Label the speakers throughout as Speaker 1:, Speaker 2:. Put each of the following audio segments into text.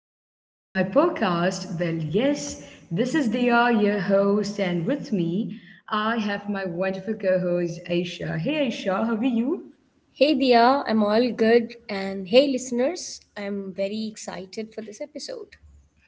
Speaker 1: Welcome back to my podcast. Well, yes, this is Dia, your host, and with me, I have my wonderful co-host Aisha. Hey, Aisha, how are you?
Speaker 2: Hey Dia, I'm all good. And hey listeners, I'm very excited for this episode.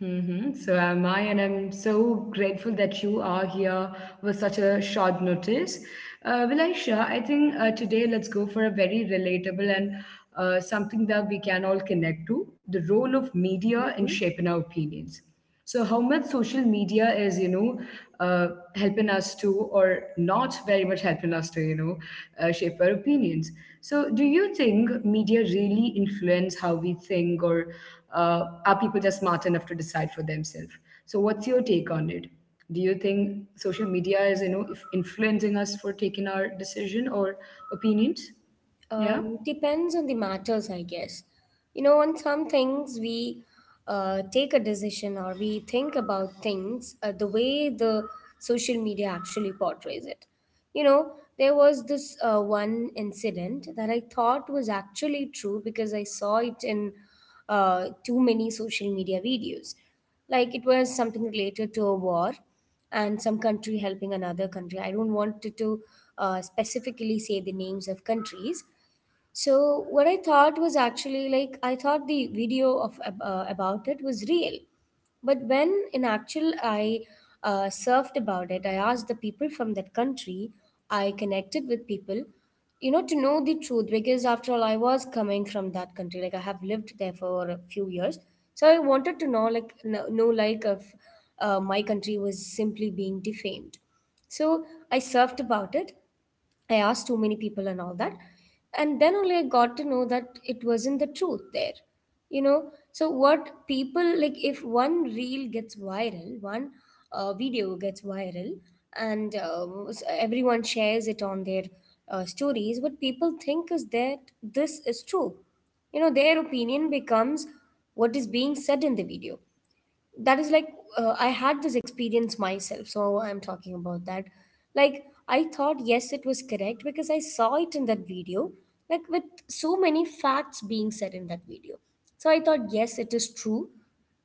Speaker 1: Mm-hmm. So am I, and I'm so grateful that you are here with such a short notice. Well, Aisha, I think today let's go for a very relatable and something that we can all connect to the role of media in
Speaker 2: Mhm.
Speaker 1: shaping our opinions. So how much social media is, uh, helping us to or not very much helping us to, shape our opinions. So do you think media really influence how we think, or are people just smart enough to decide for themselves? So what's your take on it? Do you think social media is, if influencing us for taking our decision or opinions? Yeah.
Speaker 2: Depends on the matters, I guess. On some things we take a decision or we think about things the way the social media actually portrays it. There was this one incident that I thought was actually true because I saw it in too many social media videos. Like it was something related to a war and some country helping another country. I don't want to specifically say the names of countries, so what I thought was actually, like, I thought the video of about it was real, but when in actual I surfed about it, I asked the people from that country, I connected with people, to know the truth, because after all I was coming from that country, like I have lived there for a few years, so I wanted to know, like know, like if my country was simply being defamed. So I surfed about it. I asked too many people and all that. And then only I got to know that it wasn't the truth there. So what people, like, if one reel gets viral, one video gets viral, and everyone shares it on their stories, what people think is that this is true. Their opinion becomes what is being said in the video, that is like I had this experience myself, so I'm talking about that. Like, I thought, yes, it was correct because I saw it in that video, like with so many facts being said in that video. So I thought, yes, it is true.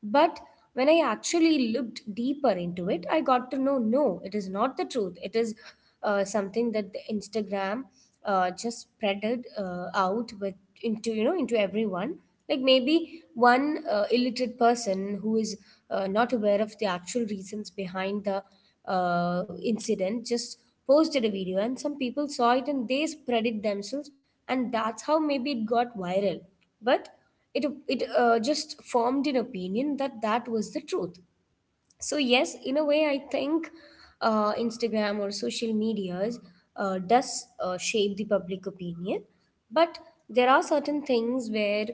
Speaker 2: But when I actually looked deeper into it, I got to know, no, it is not the truth. It is something that the Instagram just spreaded out with into, into everyone. Like maybe one illiterate person who is not aware of the actual reasons behind the incident just posted a video, and some people saw it and they spread it themselves, and that's how maybe it got viral. But it just formed an opinion that that was the truth. So yes, in a way I think Instagram or social medias does shape the public opinion, but there are certain things where,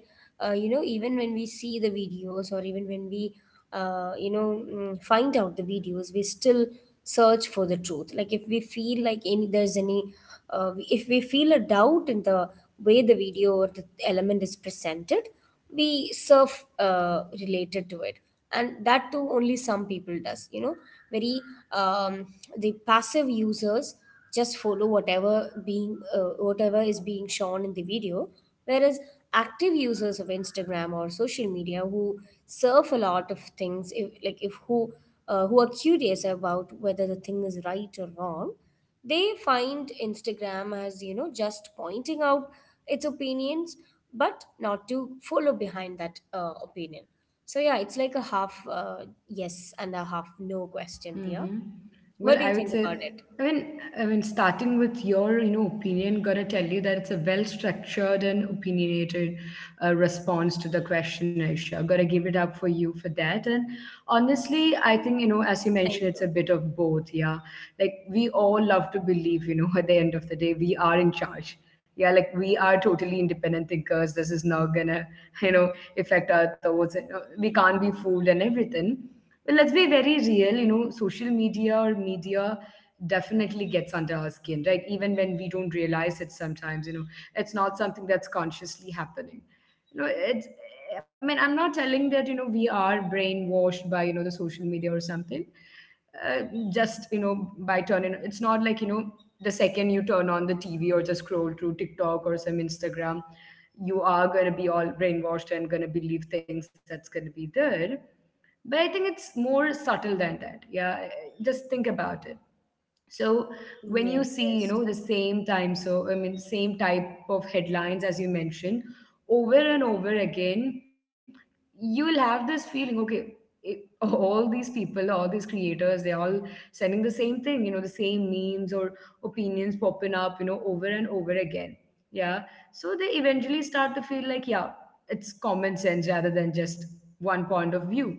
Speaker 2: even when we see the videos, or even when we, find out the videos, we still search for the truth. Like if we feel like any, there's any if we feel a doubt in the way the video or the element is presented, we surf related to it, and that too only some people does, very, the passive users just follow whatever being whatever is being shown in the video, whereas active users of Instagram or social media who surf a lot of things, if, like if who are curious about whether the thing is right or wrong, they find Instagram as, just pointing out its opinions, but not to follow behind that opinion. So yeah, it's like a half yes and a half no question there.
Speaker 1: Mm-hmm. Well,
Speaker 2: What do you
Speaker 1: I would
Speaker 2: think about
Speaker 1: say,
Speaker 2: it?
Speaker 1: I mean, starting with your, opinion, got to tell you that it's a well-structured and opinionated response to the question, Aisha. Gotta give it up for you for that. And honestly, I think, as you
Speaker 2: Thank
Speaker 1: mentioned, it's
Speaker 2: you.
Speaker 1: a bit of both. Yeah, like we all love to believe, at the end of the day, we are in charge. Yeah, like we are totally independent thinkers. This is not gonna, you know, affect our thoughts. And we can't be fooled and everything. Well, let's be very real, social media or media definitely gets under our skin, right? Even when we don't realize it sometimes, it's not something that's consciously happening. You know, it's, I mean, I'm not telling that, we are brainwashed by, the social media or something, uh, just by turning. It's not like the second you turn on the TV or just scroll through TikTok or some Instagram, you are going to be all brainwashed and going to believe things that's going to be there. But I think it's more subtle than that. Yeah. Just think about it. So when you
Speaker 2: Yes,
Speaker 1: see,
Speaker 2: yes.
Speaker 1: the same time, so I mean, same type of headlines as you mentioned, over and over again, you will have this feeling. Okay, all these people, all these creators, they're all sending the same thing, the same memes or opinions popping up, over and over again. Yeah. So they eventually start to feel like, yeah, it's common sense rather than just one point of view.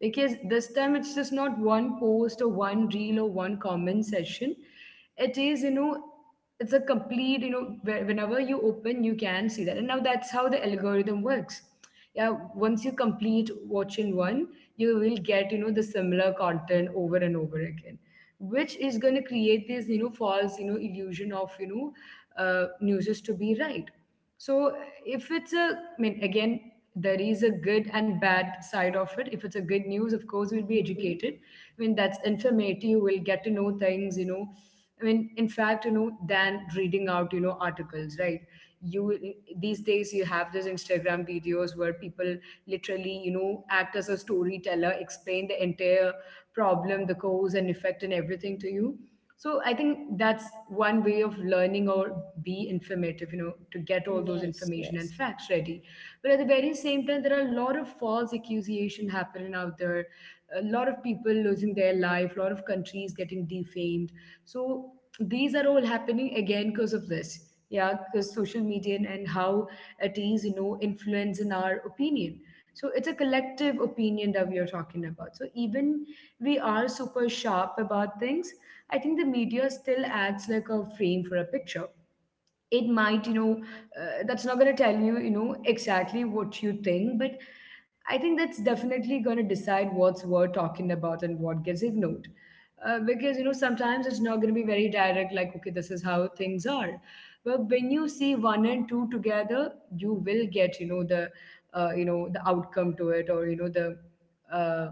Speaker 1: Because this time it's just not one post or one reel or one comment session. It is, it's a complete, whenever you open, you can see that. And now that's how the algorithm works. Yeah, once you complete watching one, you will get the similar content over and over again, which is going to create this false illusion of newses to be right. So if it's a, I mean, again, there is a good and bad side of it. If it's a good news, of course we'll be
Speaker 2: Mm-hmm.
Speaker 1: educated. I mean, that's informative. We'll get to know things. I mean, in fact, than reading out, articles, right? You These days you have these Instagram videos where people literally, act as a storyteller, explain the entire problem, the cause and effect, and everything to you. So I think that's one way of learning or be informative, to get all those
Speaker 2: Yes,
Speaker 1: information and
Speaker 2: yes.
Speaker 1: facts ready. But at the very same time, there are a lot of false accusation happening out there. A lot of people losing their life, a lot of countries getting defamed. So these are all happening again because of this. Yeah, because social media and how it is, influencing our opinion. So it's a collective opinion that we are talking about. So even we are super sharp about things, I think the media still acts like a frame for a picture. It might you know That's not going to tell you you know exactly what you think, but I think that's definitely going to decide what's worth talking about and what gets ignored. Because sometimes it's not going to be very direct, like okay, this is how things are. But when you see one and two together, you will get the outcome to it, or the uh,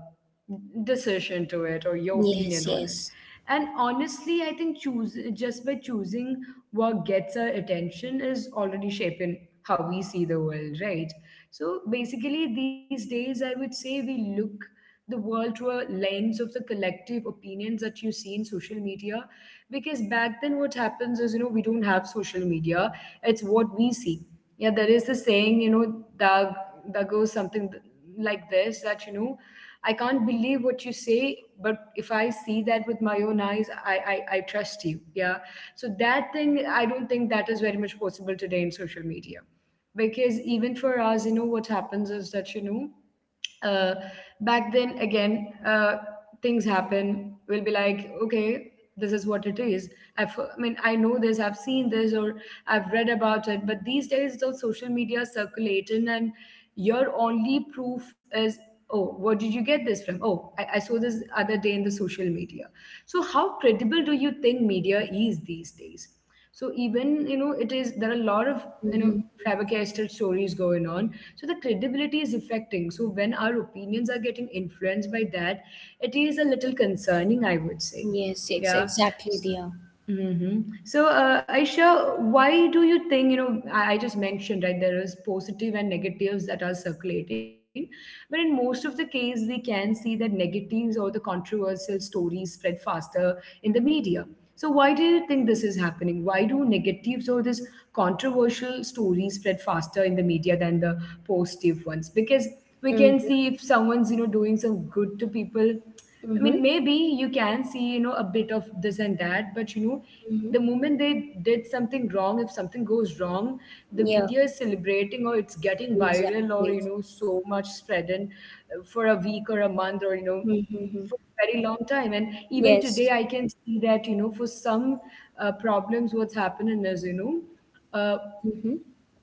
Speaker 1: decision to it, or your opinion
Speaker 2: Yes,
Speaker 1: on
Speaker 2: yes.
Speaker 1: it. And honestly I think choose just by choosing what gets our attention is already shaping how we see the world, right? So basically, these days, I would say we look the world through a lens of the collective opinions that you see in social media. Because back then what happens is, we don't have social media, it's what we see. Yeah, there is the saying, that that goes something, like this. That you know I can't believe what you say, but if I see that with my own eyes, I trust you. Yeah. So that thing, I don't think that is very much possible today in social media. Because even for us, what happens is that, uh, back then again, things happen, we'll be like, okay, this is what it is. I mean, I know this, I've seen this, or I've read about it. But these days the social media is circulating, and your only proof is, oh, what did you get this from? Oh, I saw this other day in the social media. So how credible do you think media is these days? So even, it is there are a lot of, you know
Speaker 2: Mm-hmm.
Speaker 1: fabricated stories going on. So the credibility is affecting, so when our opinions are getting influenced by that, it is a little concerning, I would say.
Speaker 2: Yes, yes,
Speaker 1: Yeah.
Speaker 2: exactly there.
Speaker 1: So, Aisha, why do you think, I just mentioned, right, there is positive and negatives that are circulating, but in most of the case, we can see that negatives or the controversial stories spread faster in the media. So, why do you think this is happening? Why do negatives or this controversial stories spread faster in the media than the positive ones? Because we can
Speaker 2: Mm-hmm.
Speaker 1: see if someone's, doing some good to people. I
Speaker 2: Mm-hmm.
Speaker 1: mean, maybe you can see, a bit of this and that, but
Speaker 2: Mm-hmm.
Speaker 1: the moment they did something wrong, if something goes wrong, the
Speaker 2: Yeah,
Speaker 1: media is celebrating or it's getting viral or,
Speaker 2: exactly.
Speaker 1: so much spread in, for a week or a month, or,
Speaker 2: Mm-hmm.
Speaker 1: for a very long time. And even today,
Speaker 2: Yes.
Speaker 1: I can see that, for some problems, what's happening is, uh,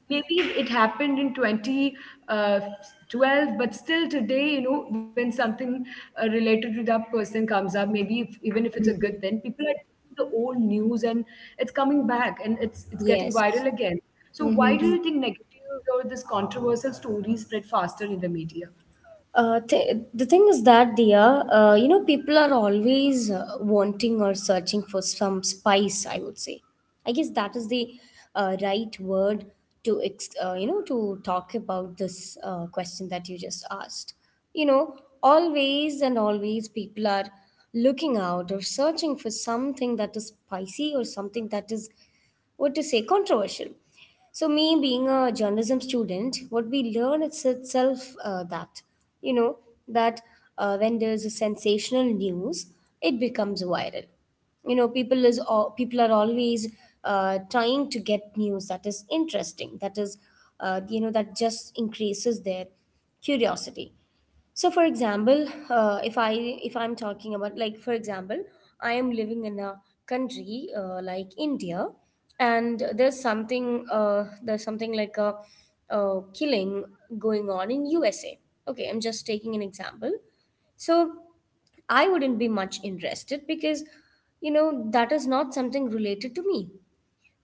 Speaker 1: maybe it happened in 2012, but still today when something related to that person comes up, maybe if, even if it's a good
Speaker 2: Mm-hmm.
Speaker 1: thing, people are taking the old news, and it's coming back, and it's getting
Speaker 2: Yes.
Speaker 1: viral again. So why do
Speaker 2: Mm-hmm.
Speaker 1: you think negative or this controversial stories spread faster in the media?
Speaker 2: The thing is that, dear, people are always wanting or searching for some spice, I would say. I guess that is the right word to, ex- you know, to talk about this question that you just asked. Always and always, people are looking out or searching for something that is spicy or something that is, what to say, controversial. So, me being a journalism student, what we learn is itself you know, that, when there's a sensational news, it becomes viral. People are always trying to get news that is interesting, that is, that just increases their curiosity. So, for example, uh, if i if I'm talking about, like, for example, I am living in a country like india, and there's something like a killing going on in usa. Okay, I'm just taking an example. So I wouldn't be much interested because, that is not something related to me.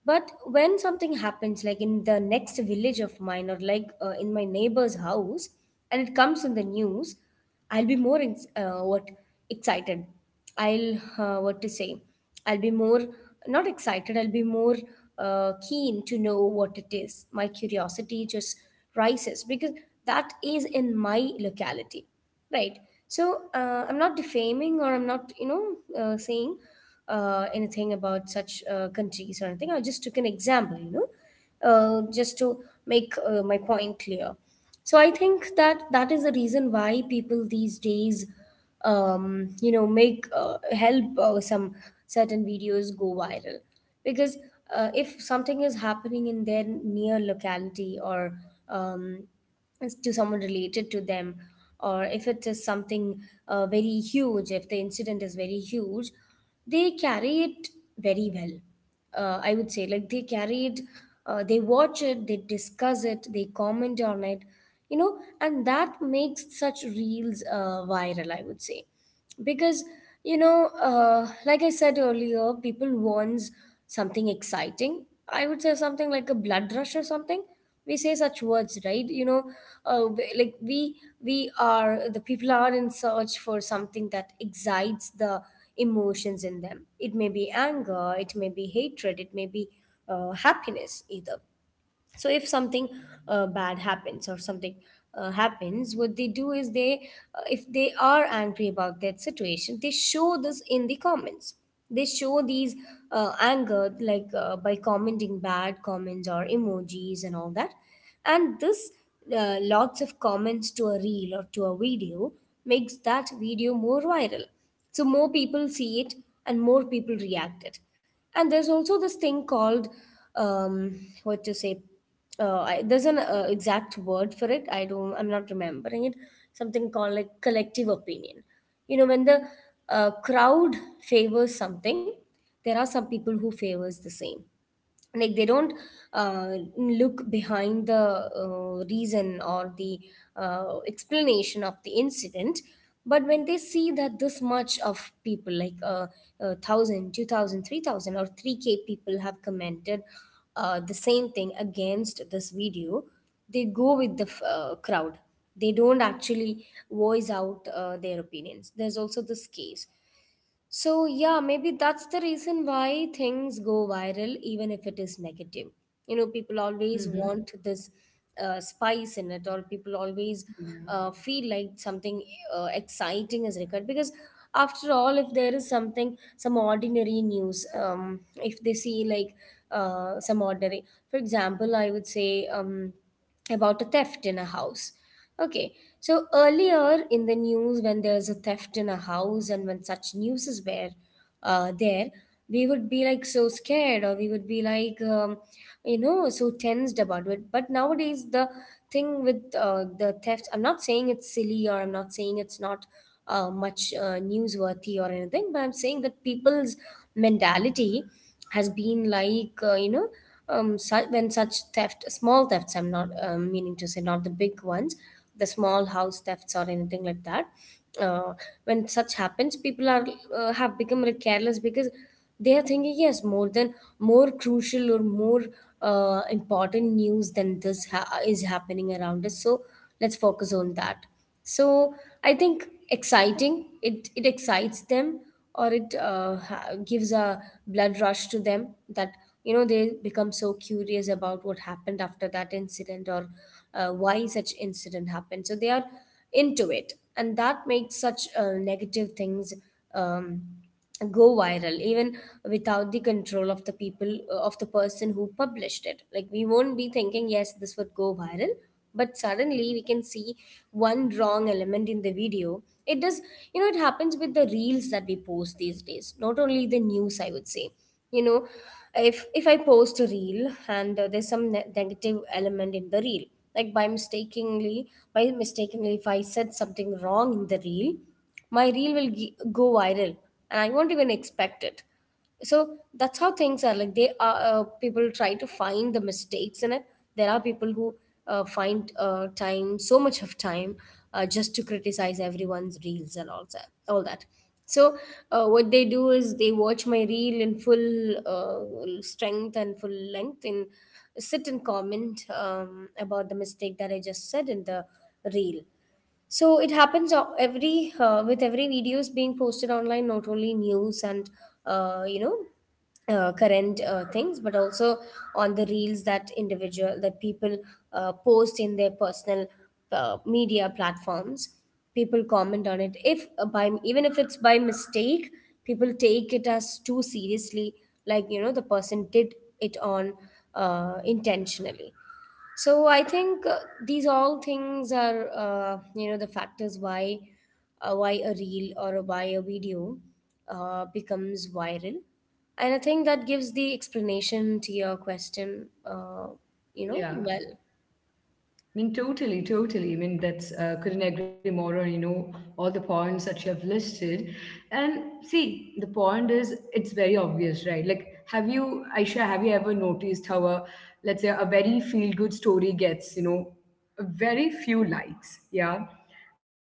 Speaker 2: But when something happens, like in the next village of mine, or like in my neighbor's house, and it comes in the news, I'll be more in, what, excited. I'll, what to say, I'll be more, not excited. I'll be more keen to know what it is. My curiosity just rises because that is in my locality, right? So I'm not defaming, or I'm not, saying anything about such countries or anything. I just took an example, just to make my point clear. So I think that that is the reason why people these days, make help some certain videos go viral, because if something is happening in their near locality, or um, it's to someone related to them, or if it is something very huge, if the incident is very huge, they carry it very well, I would say. Like they carried, they watch it, they discuss it, they comment on it, and that makes such reels viral, I would say. Because, like I said earlier, people wants something exciting. I would say something like a blood rush, or something we say such words, right? Like we are the people are in search for something that excites the emotions in them. It may be anger, it may be hatred, it may be happiness, either. So if something bad happens, or something happens, what they do is they, if they are angry about that situation, they show this in the comments. They show these anger, like by commenting bad comments or emojis and all that. And this lots of comments to a reel or to a video makes that video more viral. So more people see it, and more people react it. And there's also this thing called, what to say, there's an exact word for it. I'm not remembering it. Something called like collective opinion. When the crowd favors something, there are some people who favors the same. Like they don't look behind the reason or the explanation of the incident, but when they see that this much of people, like 1000 or 3K people have commented the same thing against this video, they go with the crowd. They don't actually voice out their opinions. There's also this case. So, yeah, maybe that's the reason why things go viral, even if it is negative. People always
Speaker 1: Hmm.
Speaker 2: want this spice in it, or people always
Speaker 1: Yeah.
Speaker 2: feel like something exciting is required. Because, after all, if there is something, some ordinary news, if they see like some ordinary, for example, I would say, about a theft in a house. Okay, so earlier in the news, when there's a theft in a house and when such news is where, there, we would be like so scared, or we would be like, so tensed about it. But nowadays, the thing with the theft, I'm not saying it's silly, or I'm not saying it's not much newsworthy or anything, but I'm saying that people's mentality has been like, when such theft, small thefts, I'm not meaning to say not the big ones, the small house thefts or anything like that. Uh, when such happens, people are have become very careless because they are thinking, yes, more than more crucial or more important news than is happening around us. So let's focus on that. So i think exciting it it excites them, or it gives a blood rush to them that, they become so curious about what happened after that incident, or why such incident happened, so they are into it. And that makes such negative things um, go viral, even without the control of the people, of the person who published it. Like, we won't be thinking, yes, this would go viral, but suddenly we can see one wrong element in the video, it does. You know, it happens with the reels that we post these days, not only the news, I would say. You know, if I post a reel and there's some negative element in the reel, like, by mistakenly, if I said something wrong in the reel, my reel will g- go viral, and I won't even expect it. So that's how things are, like, they are, people try to find the mistakes in it. There are people who find time, so much of time, just to criticize everyone's reels and all that. So what they do is, they watch my reel in full strength and full length and sit and comment about the mistake that I just said in the reel. So it happens, every, with every videos being posted online, not only news and current things, but also on the reels that individual that people post in their personal media platforms. People comment on it, if by even if it's by mistake, people take it as too seriously. Like, you know, the person did it on intentionally. So I think these all things are, the factors why, why a reel, or why a video becomes viral. And I think that gives the explanation to your question. You know,
Speaker 1: Yeah,
Speaker 2: well,
Speaker 1: I mean, totally, totally. I mean, that's, couldn't agree more on all the points that you have listed. And see, the point is it's very obvious, right? Like, have you, Aisha, have you ever noticed how a, let's say, a very feel good story gets very few likes? Yeah,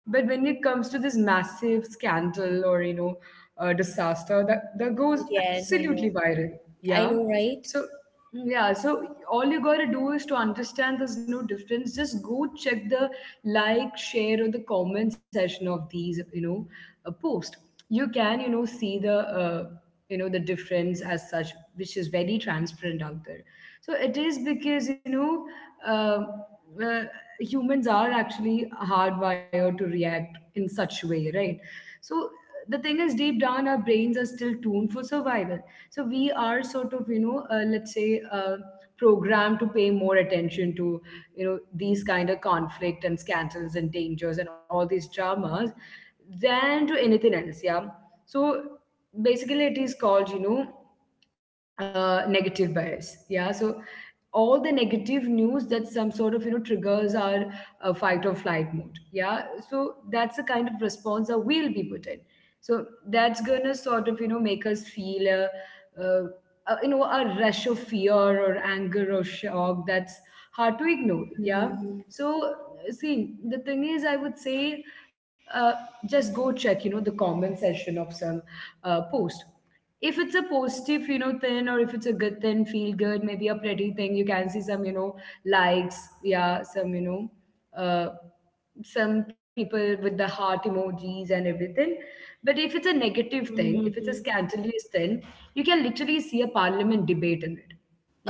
Speaker 1: but when it comes to this massive scandal, or disaster, that goes
Speaker 2: yes, I know.
Speaker 1: absolutely viral.
Speaker 2: I
Speaker 1: Yeah.
Speaker 2: know, right?
Speaker 1: So yeah, so all you gotta do is to understand there's no difference. Just go check the like, share, or the comment section of these, post. You can, see the difference as such, which is very transparent out there. So it is because. um uh, Humans are actually hardwired to react in such way, right? So the thing is, deep down our brains are still tuned for survival. So we are sort of, you know, let's say, programmed to pay more attention to, you know, these kind of conflict and scandals and dangers and all these dramas than to anything else. Yeah. So basically it is called, you know, negative bias. Yeah. So all the negative news that some sort of, you know, triggers our fight or flight mode. Yeah. So that's the kind of response that we'll be put in. So that's gonna sort of, you know, make us feel uh a, you know, a rush of fear or anger or shock that's hard to ignore. Yeah.
Speaker 2: Hmm.
Speaker 1: So see, the thing is, I would say, uh, just go check, you know, the comment section of some post. If it's a positive, you know, thing, or if it's a good thing, feel good, maybe a pretty thing, you can see some, you know, likes, yeah, some, you know, uh, some people with the heart emojis and everything. But if it's a negative thing, if it's a
Speaker 2: Mm-hmm.
Speaker 1: scandalous thing, you can literally see a parliament debate in it.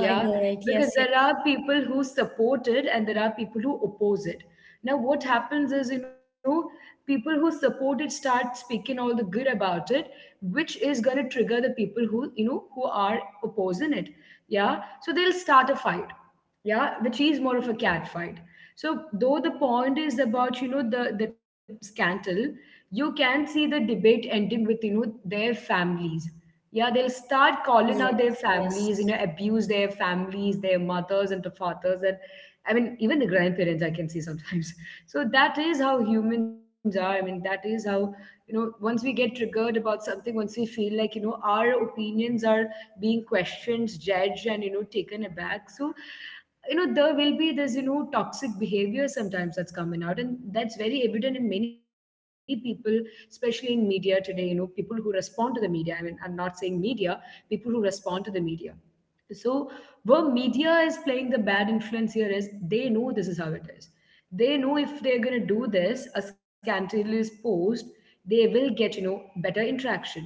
Speaker 2: I know, right?
Speaker 1: Because
Speaker 2: Yes, yes.
Speaker 1: there are people who support it and there are people who oppose it. Now what happens is, you know, people who support it start speaking all the good about it, which is going to trigger the people who, you know, who are opposing it. Yeah. So they'll start a fight. Yeah, which is more of a cat fight. So though the point is about, you know, the scandal, you can see the debate ending with, you know, their families. Yeah. They'll start calling out their
Speaker 2: Yes,
Speaker 1: families,
Speaker 2: yes,
Speaker 1: you know, abuse their families, their mothers and the fathers and, I mean, even the grandparents I can see sometimes so that is how humans are, I mean, that is how, you know, once we get triggered about something, once we feel like, you know, our opinions are being questioned, judged, and, you know, taken aback. So, you know, there will be this, you know, toxic behavior sometimes that's coming out, and that's very evident in many people, especially in media today. You know, people who respond to the media, I mean, I'm not saying media, people who respond to the media. So where media is playing the bad influence here is, they know this is how it is. They know if they're gonna do this, a scandalous post, they will get, you know, better interaction.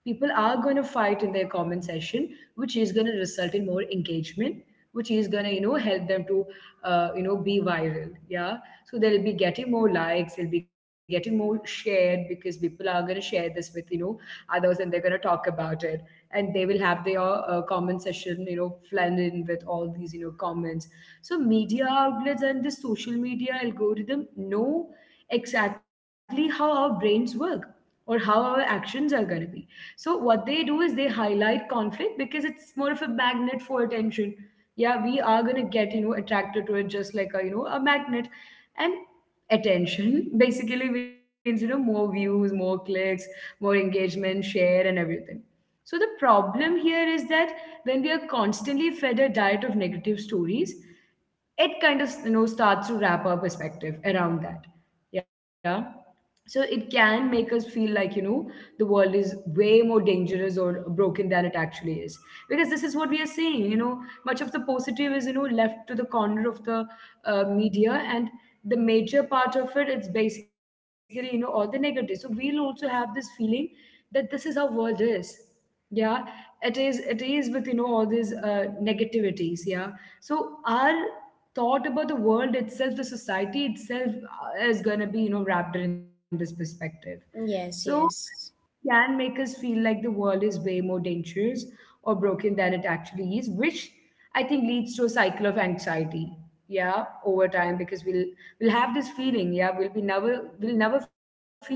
Speaker 1: People are gonna fight in their comment section, which is gonna result in more engagement, which is gonna, you know, help them to, you know, be viral. Yeah. So they'll be getting more likes, they'll be getting more shared because people are gonna share this with, you know, others, and they're going to talk about it, and they will have their comment session, you know, blend in with all these, you know, comments. So media outlets and the social media algorithm know exactly how our brains work or how our actions are going to be. So what they do is they highlight conflict because it's more of a magnet for attention. Yeah, we are gonna get, you know, attracted to it just like a, you know, a magnet, and attention basically means, you know, more views, more clicks, more engagement, share, and everything. So the problem here is that when we are constantly fed a diet of negative stories, it kind of, you know, starts to wrap our perspective around that. Yeah. So it can make us feel like, you know, the world is way more dangerous or broken than it actually is. Because this is what we are seeing, you know, much of the positive is, you know, left to the corner of the media, and the major part of it, it's basically, you know, all the negative. So we'll also have this feeling that this is how world is. Yeah, it is with, you know, all these negativities. Yeah. So our thought about the world itself, the society itself, is going to be, you know, wrapped in this perspective. So
Speaker 2: yes, yes,
Speaker 1: can make us feel like the world is way more dangerous or broken than it actually is, which I think leads to a cycle of anxiety. Yeah, over time, because we'll have this feeling. Yeah, we'll never feel safe.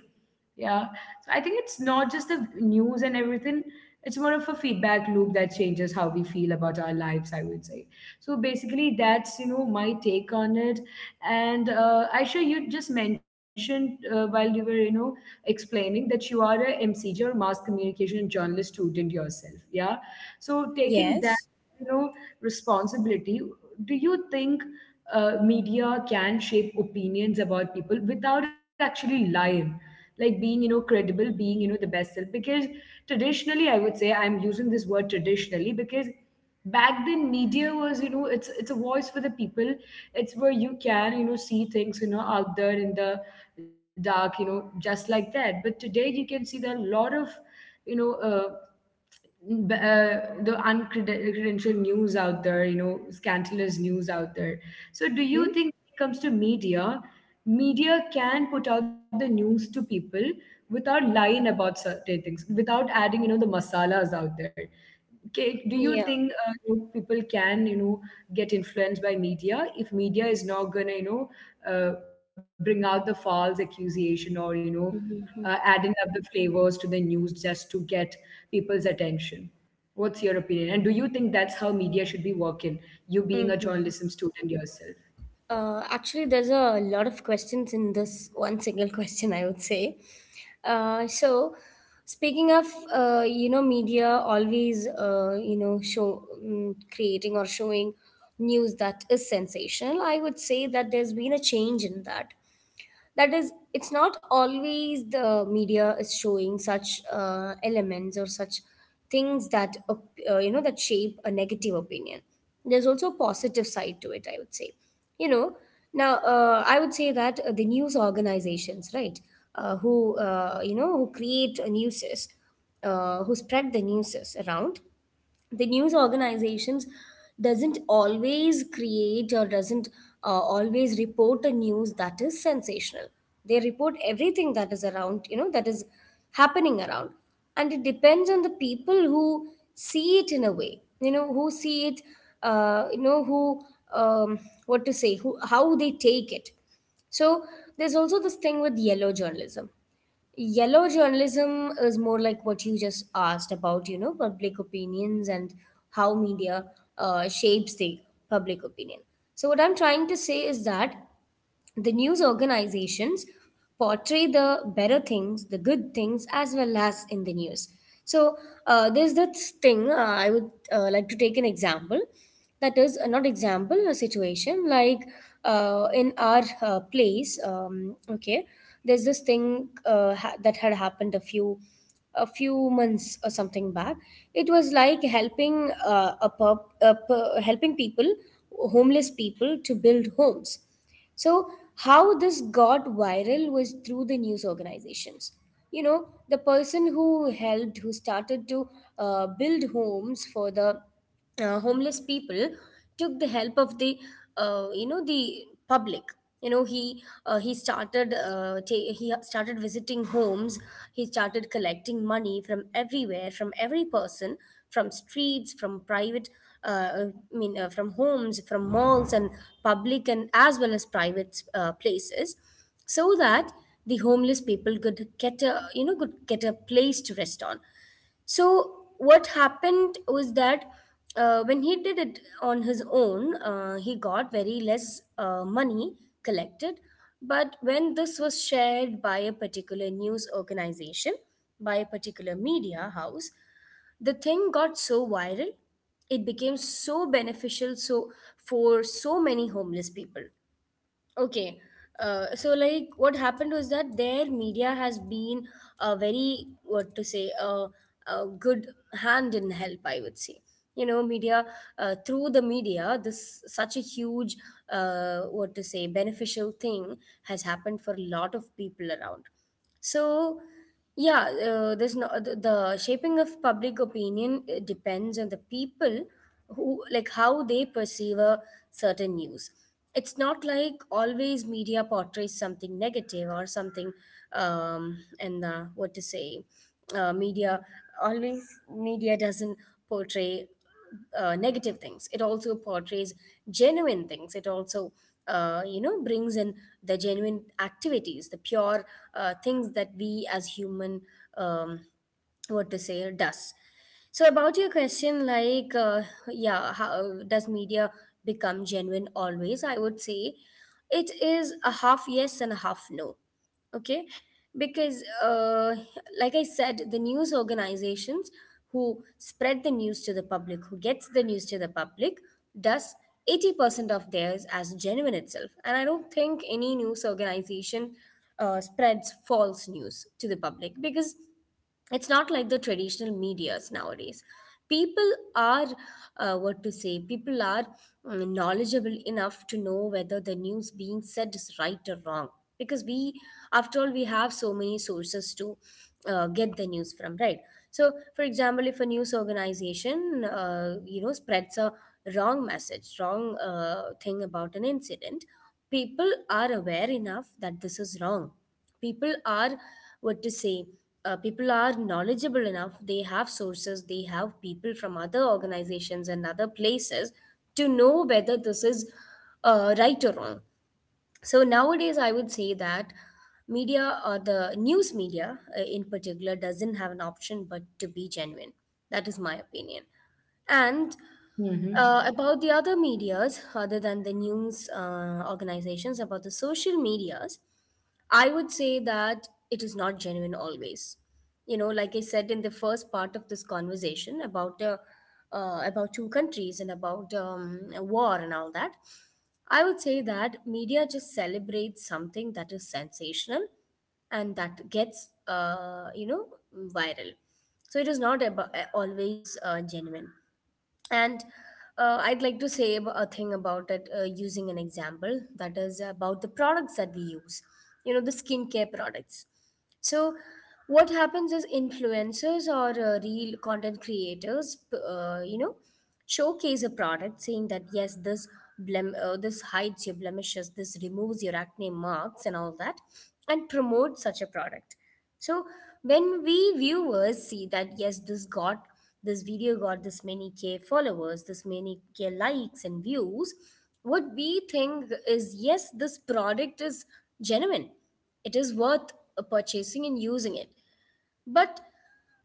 Speaker 1: Yeah, so I think it's not just the news and everything. It's more of a feedback loop that changes how we feel about our lives, I would say. So basically, that's, you know, my take on it. And, Aisha, you just mentioned, while you were, you know, explaining that you are a MCG or mass communication journalist student yourself. Yeah. So taking that,
Speaker 2: yes.
Speaker 1: you know, responsibility, do you think media can shape opinions about people without actually lying, like being, you know, credible, being, you know, the best self? Because traditionally, I would say, I'm using this word traditionally, because back then media was, you know, it's a voice for the people, it's where you can, you know, see things, you know, out there in the dark, you know, just like that. But today you can see there are a lot of, you know, the uncredential news out there, you know, scandalous news out there. So do you
Speaker 2: Mm-hmm.
Speaker 1: think, when it comes to media, media can put out the news to people without lying about certain things, without adding, you know, the masalas out there? Kate, do you
Speaker 2: Yeah.
Speaker 1: think, you know, people can, you know, get influenced by media if media is not gonna, you know, bring out the false accusation, or, you know, adding up the flavors to the news just to get people's attention? What's your opinion? And do you think that's how media should be working, you being a
Speaker 2: Mm-hmm.
Speaker 1: journalism student yourself?
Speaker 2: Actually, there's a lot of questions in this one single question, I would say. Uh, so, speaking of, media always, show, creating or showing news that is sensational, I would say that there's been a change in that. That is, it's not always the media is showing such elements or such things that that shape a negative opinion. There's also a positive side to it, I would say. You know, now I would say that the news organizations, right, who who create newses, who spread the newses around, the news organizations doesn't always create, or doesn't always report a news that is sensational. They report everything that is around, you know, that is happening around. And it depends on the people who see it in a way, you know, who see it, you know who um, what to say, who, how they take it. So there's also this thing with yellow journalism. Yellow journalism is more like what you just asked about, you know, public opinions and how media shapes the public opinion. So, what I'm trying to say is that the news organizations portray the better things, the good things, as well as in the news. So, there's this thing, I would like to take an example. That is, not example, a situation, like, in our place. Okay, there's this thing that had happened a few months or something back. It was like helping a, pub, a pu- helping people, homeless people, to build homes. So how this got viral was through the news organizations. You know, the person who helped, who started to build homes for the homeless people took the help of the, the public. You know, he started visiting homes, he started collecting money from everywhere, from every person, from streets, from private, uh, from homes, from malls, and public, and as well as private places, so that the homeless people could get a, you know, could get a place to rest on. So what happened was that, when he did it on his own, he got very less money collected. But when this was shared by a particular news organization, by a particular media house, the thing got so viral, it became so beneficial, so for so many homeless people. Okay. So, like, what happened was that, their media has been a very, what to say, a good hand in help, I would say. You know, media, through the media, this such a huge, what to say, beneficial thing has happened for a lot of people around. So, yeah, there's no, the shaping of public opinion depends on the people, who, like, how they perceive a certain news. It's not like always media portrays something negative or something, and what to say, uh, media media doesn't portray negative things, it also portrays genuine things. It also brings in the genuine activities, the pure things that we as human, um, what to say, does. So about your question, like, yeah, how does media become genuine always, I would say it is a half yes and a half no. Okay, because, like I said, the news organizations who spread the news to the public, who gets the news to the public, does 80% of theirs as genuine itself. And I don't think any news organization spreads false news to the public, because it's not like the traditional medias. Nowadays people are, what to say, people are, knowledgeable enough to know whether the news being said is right or wrong. Because we, after all, we have so many sources to get the news from, right? So for example, if a news organization spreads a wrong message, wrong thing about an incident, people are aware enough that this is wrong. People are, what to say, people are knowledgeable enough, they have sources, they have people from other organizations and other places to know whether this is right or wrong. So nowadays I would say that media, or the news media in particular, doesn't have an option but to be genuine. That is my opinion. And
Speaker 1: Mm-hmm.
Speaker 2: about the other medias, other than the news organizations, about the social medias, I would say that it is not genuine always. You know, like I said in the first part of this conversation about, about two countries and about a war and all that, I would say that media just celebrates something that is sensational, and that gets, viral. So it is not about, always genuine. And I'd like to say a thing about it, using an example that is about the products that we use, you know, the skincare products. So, what happens is, influencers or real content creators, showcase a product saying that, yes, this, this hides your blemishes, this removes your acne marks, and all that, and promote such a product. So, when we viewers see that, yes, this got, this video got this many k followers, this many k likes and views, what we think is, yes, this product is genuine, it is worth purchasing and using it. But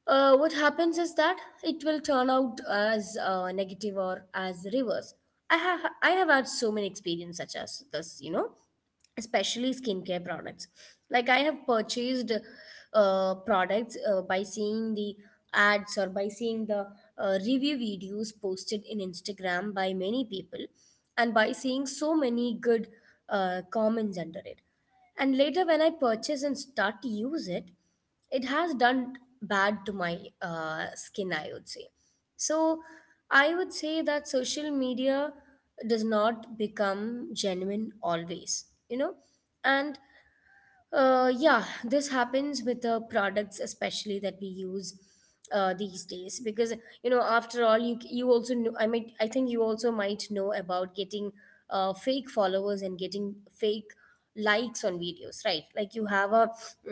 Speaker 2: what happens is that it will turn out as negative or as the reverse. I have had so many experience such as this, you know, especially skincare products. Like, I have purchased products by seeing the ads, or by seeing the review videos posted in Instagram by many people, and by seeing so many good comments under it. And later, when I purchase and start to use it, it has done bad to my skin, I would say. So I would say that social media does not become genuine always, you know. And yeah, this happens with the products especially, that we use these days, because, you know, after all, you also know, I mean, I think you also might know about getting fake followers and getting fake likes on videos, right? Like, you have a,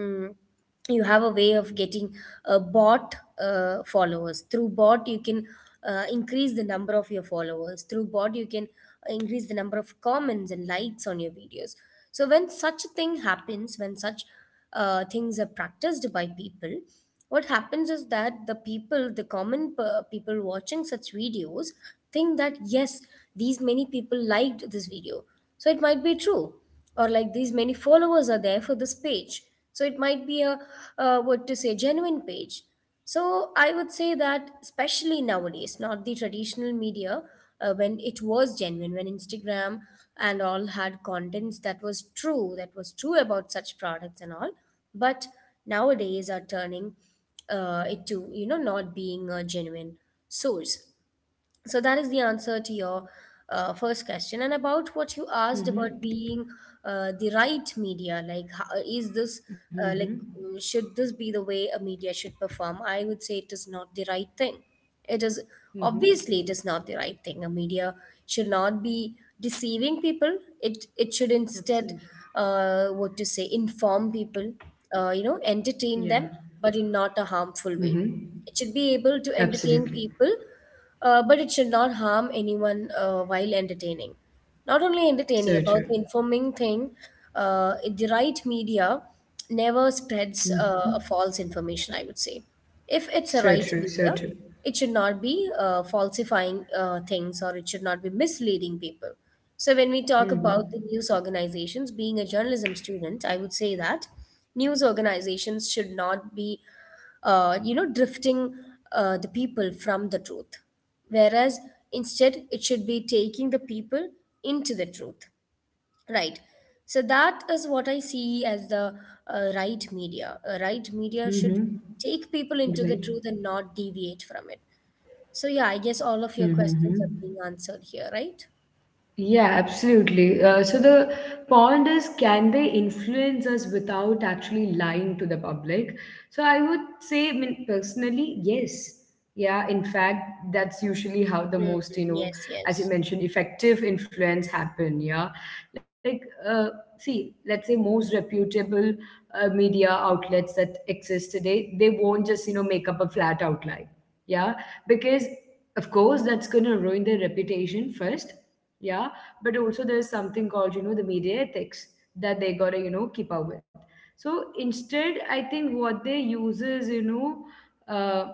Speaker 2: mm, you have a way of getting bot followers through bot. You can increase the number of your followers through bot, you can increase the number of comments and likes on your videos. So when such a thing happens, when such things are practiced by people, what happens is that the people, the people watching such videos think that, yes, these many people liked this video, so it might be true. Or, like, these many followers are there for this page, so it might be a, what to say, genuine page. So I would say that, especially nowadays, not the traditional media, when it was genuine, when Instagram and all had contents that was true, that was true about such products and all. But nowadays are turning it to, you know, not being a genuine source. So that is the answer to your first question. And about what you asked about
Speaker 1: Mm-hmm.
Speaker 2: being the right media, like how, is this
Speaker 1: Mm-hmm.
Speaker 2: should this be the way a media should perform? I would say it is not the right thing. It is
Speaker 1: Mm-hmm.
Speaker 2: obviously it is not the right thing. A media should not be deceiving people. It should instead
Speaker 1: Absolutely.
Speaker 2: what to say inform people, you know, entertain
Speaker 1: Yeah.
Speaker 2: them, but in not a harmful way.
Speaker 1: Mm-hmm.
Speaker 2: It should be able to entertain
Speaker 1: Absolutely.
Speaker 2: people but it should not harm anyone while entertaining. Not only entertaining,
Speaker 1: So
Speaker 2: about the
Speaker 1: true.
Speaker 2: informing thing, the right media never spreads
Speaker 1: Mhm.
Speaker 2: a false information, I would say. If it's a
Speaker 1: So
Speaker 2: right
Speaker 1: true, so
Speaker 2: media,
Speaker 1: true.
Speaker 2: it should not be falsifying things or it should not be misleading people. So, when we talk about
Speaker 1: Mm-hmm.
Speaker 2: the news organizations, being a journalism student, I would say that news organizations should not be you know drifting the people from the truth, whereas instead it should be taking the people into the truth, right? So that is what I see as the right media should
Speaker 1: Mm-hmm.
Speaker 2: take people into
Speaker 1: Right.
Speaker 2: the truth and not deviate from it. So yeah, I guess all of your questions are
Speaker 1: Mm-hmm.
Speaker 2: being answered here, right?
Speaker 1: Yeah, absolutely. So the point is, can they influence us without actually lying to the public? So I would say, I mean, personally, yes. Yeah, in fact, that's usually how the
Speaker 2: Mhm.
Speaker 1: most, you know,
Speaker 2: Yes,
Speaker 1: as you
Speaker 2: yes.
Speaker 1: mentioned, effective influence happen. Yeah, like, uh, see, let's say most reputable media outlets that exist today, they won't just, you know, make up a flat outline. Yeah, because of course that's going to ruin their reputation first. Yeah, but also there's something called, you know, the media ethics, that they gotta, you know, keep up with. So instead, I think what they use is, you know, uh,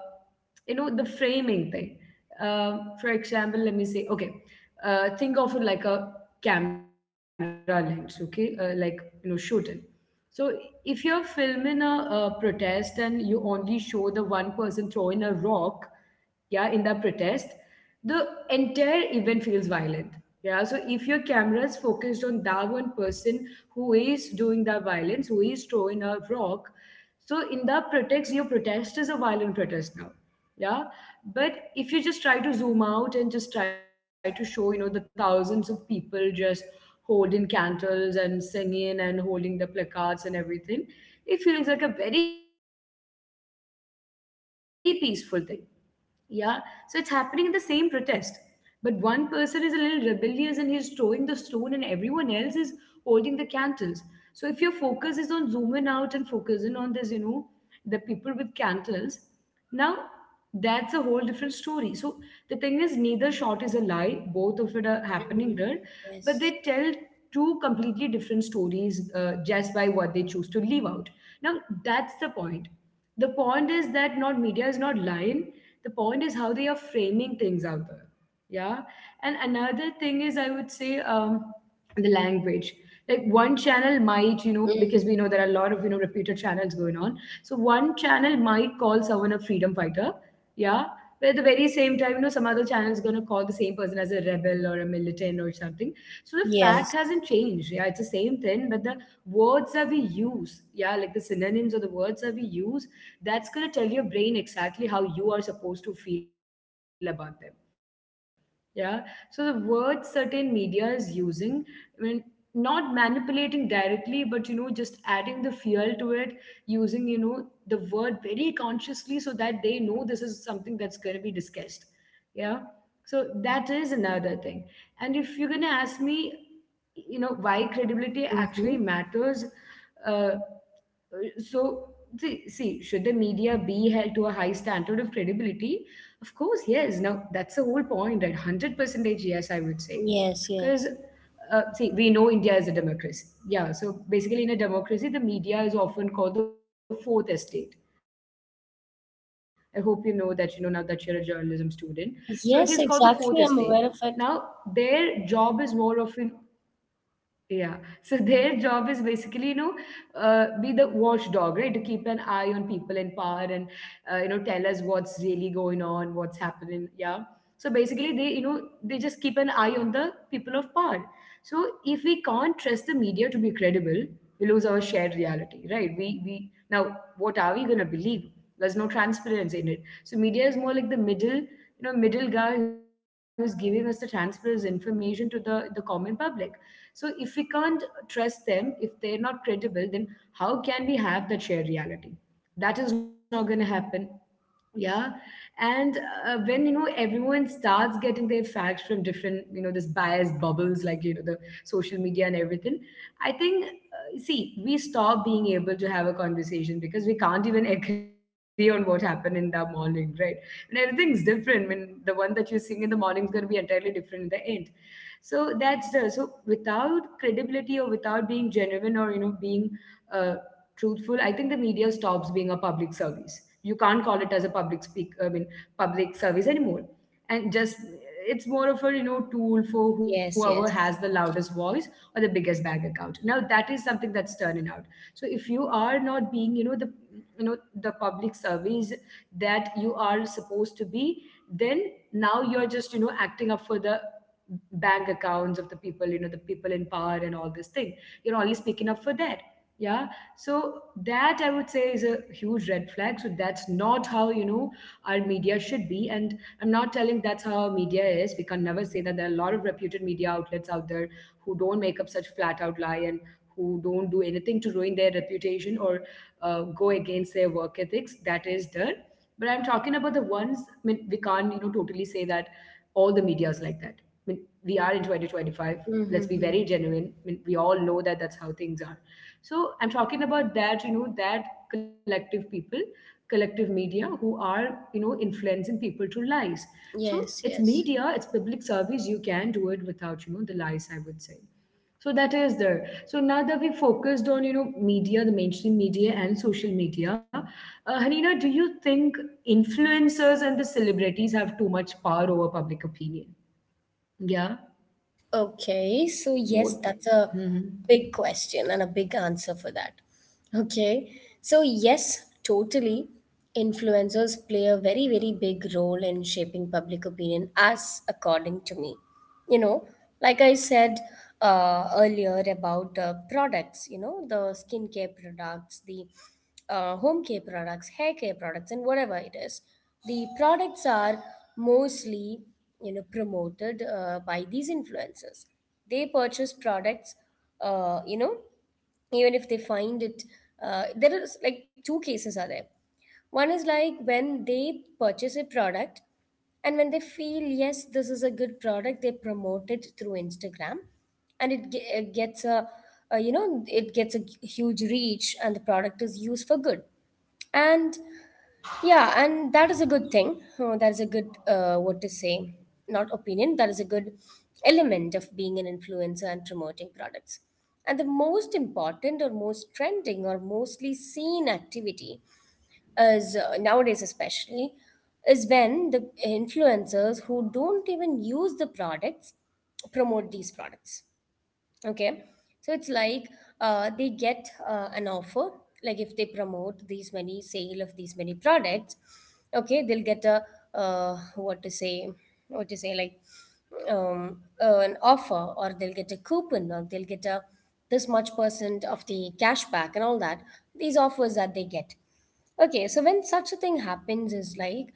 Speaker 1: you know, the framing thing. For example, let me say, okay, think of it like a camera lens, okay, like, you know, shooting. So if you're filming a protest and you only show the one person throwing a rock, yeah, in that protest, the entire event feels violent. Yeah, so if your camera is focused on that one person who is doing that violence, who is throwing a rock, so in that protest, your protest is a violent protest now. Yeah, but if you just try to zoom out and just try to show, you know, the thousands of people just holding candles and singing and holding the placards and everything, it feels like a very peaceful thing. Yeah, so it's happening in the same protest. But one person is a little rebellious and he's throwing the stone, and everyone else is holding the candles. So if your focus is on zooming out and focusing on this, you know, the people with candles, now that's a whole different story. So the thing is, neither shot is a lie, both of it are happening there, but they tell
Speaker 2: Mhm.
Speaker 1: two completely
Speaker 2: Yes,
Speaker 1: different stories, just by what they choose to leave out. Now that's the point. The point is that, not media is not lying, the point is how they are framing things out there. Yeah. And another thing is, I would say, the language. Like, one channel might, you know, because we know there are a lot of, you know, repeated channels going on, so one channel might call someone a freedom fighter. Yeah, but at the very same time, you know, some other channel is going to call the same person as a rebel or a militant or something. So the fact
Speaker 2: yes.
Speaker 1: hasn't changed. Yeah, it's the same thing, but the words that we use, yeah, like the synonyms or the words that we use, that's going to tell your brain exactly how you are supposed to feel about them. Yeah. So the word certain media is using, I mean, not manipulating directly, but, you know, just adding the fuel to it, using, you know, the word very consciously so that they know this is something that's gonna be discussed. Yeah. So that is another thing. And if you're gonna ask me, you know, why credibility
Speaker 2: Hmm.
Speaker 1: actually matters, uh, so see, should the media be held to a high standard of credibility? Of course, yes. Now that's the whole point, right? 100%, yes, I would say.
Speaker 2: Yes, yes.
Speaker 1: Because, see, we know India is a democracy. Yeah. So basically, in a democracy, the media is often called the fourth estate. I hope you know that, you know, now that you're a journalism student. So it is called the fourth estate.
Speaker 2: Yes,
Speaker 1: Now
Speaker 2: exactly. I'm aware
Speaker 1: their
Speaker 2: of it.
Speaker 1: job is more of an. Yeah. So their job is basically, you know, be the watchdog, right? To keep an eye on people in power and, you know, tell us what's really going on, what's happening. Yeah. So basically, they, you know, they just keep an eye on the people of power. So if we can't trust the media to be credible, we lose our shared reality, right? Now, what are we going to believe? There's no transparency in it. So media is more like the middle, you know, middle guy who's giving us the transparent information to the common public. So if we can't trust them, if they're not credible, then how can we have that shared reality? That is not going to happen. Yeah. And when, you know, everyone starts getting their facts from different, you know, this biased bubbles, like, you know, the social media and everything, I think, see, we stop being able to have a conversation because we can't even agree on what happened in the morning, right? And everything's different. I mean, the one that you sing in the morning is going to be entirely different in the end. So that's the, so without credibility or without being genuine or, you know, being uh, truthful, I think the media stops being a public service. You can't call it as a public speak, I mean, public service anymore. And just, it's more of a, you know, tool for whoever
Speaker 2: Yes,
Speaker 1: has the
Speaker 2: yes.
Speaker 1: loudest voice or the biggest bank account. Now that is something that's turning out. So if you are not being, you know, the, you know, the public service that you are supposed to be, then now you're just, you know, acting up for the bank accounts of the people, you know, the people in power and all this thing. You're only speaking up for that. Yeah. So that, I would say, is a huge red flag. So that's not how, you know, our media should be. And I'm not telling that's how our media is. We can never say that. There are a lot of reputed media outlets out there who don't make up such flat out lie and who don't do anything to ruin their reputation or go against their work ethics. That is done. But I'm talking about the ones, I mean, we can't, you know, totally say that all the media is like that. I mean, we are in 2025. Let's be
Speaker 2: Mm-hmm.
Speaker 1: very genuine. I mean, we all know that that's how things are. So I'm talking about that, you know, that collective people, collective media who are, you know, influencing people to lies. So
Speaker 2: Yes,
Speaker 1: it's
Speaker 2: yes.
Speaker 1: media, it's public service. You can do it without, you know, the lies, I would say. So that is there. So now that we focused on, you know, media, the mainstream media and social media, Hanina, do you think influencers and the celebrities have too much power over public opinion? Yeah.
Speaker 2: Okay, so yes,
Speaker 1: What?
Speaker 2: that's a
Speaker 1: Mm-hmm.
Speaker 2: big question and a big answer for that. Okay, so yes, totally. Influencers play a very, very big role in shaping public opinion, as according to me. You know, like I said earlier about products, you know, the skincare products, the home care products, hair care products, and whatever it is, the products are mostly you know promoted by these influencers. They purchase products, you know, even if they find it, there is like two cases are there. One is like when they purchase a product and when they feel yes this is a good product, they promote it through Instagram, and it gets a, you know, it gets a huge reach and the product is used for good. And yeah, and that is a good thing. That is a good, not opinion, that is a good element of being an influencer and promoting products. And the most important or most trending or mostly seen activity is nowadays, especially, is when the influencers who don't even use the products promote these products. Okay, so it's like they get an offer, like if they promote these many sale of these many products, okay, they'll get a uh, what to say, what to say, like an offer, or they'll get a coupon, or they'll get a this much percent of the cash back and all that. These offers that they get. Okay, so when such a thing happens, is like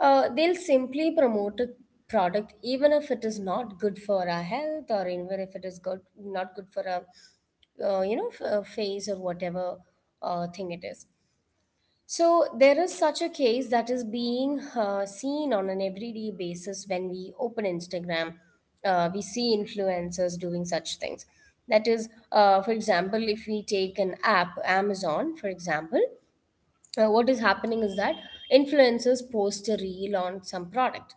Speaker 2: they'll simply promote a product even if it is not good for our health or even if it is good not good for our you know face or whatever thing it is. So there is such a case that is being seen on an everyday basis when we open Instagram. We see influencers doing such things. That is, for example, if we take an app, Amazon, for example, what is happening is that influencers post a reel on some product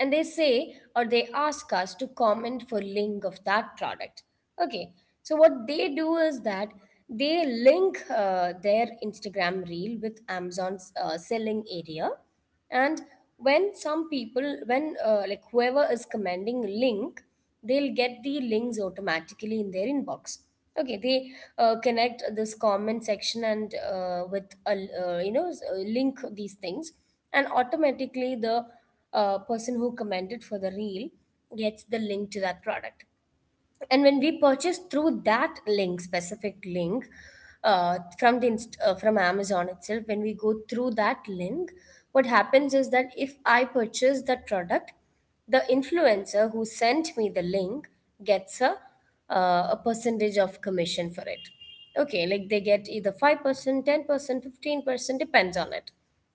Speaker 2: and they say or they ask us to comment for link of that product. Okay, so what they do is that they link their Instagram reel with Amazon's selling area, and when some people when like whoever is commanding link, they'll get the links automatically in their inbox. Okay, they connect this comment section and with a you know link these things, and automatically the person who commented for the reel gets the link to that product. And when we purchase through that link specific link, from the from Amazon itself, when we go through that link, what happens is that if I purchase that product, the influencer who sent me the link gets a percentage of commission for it. Okay, like they get either 5% 10% 15%, depends on it.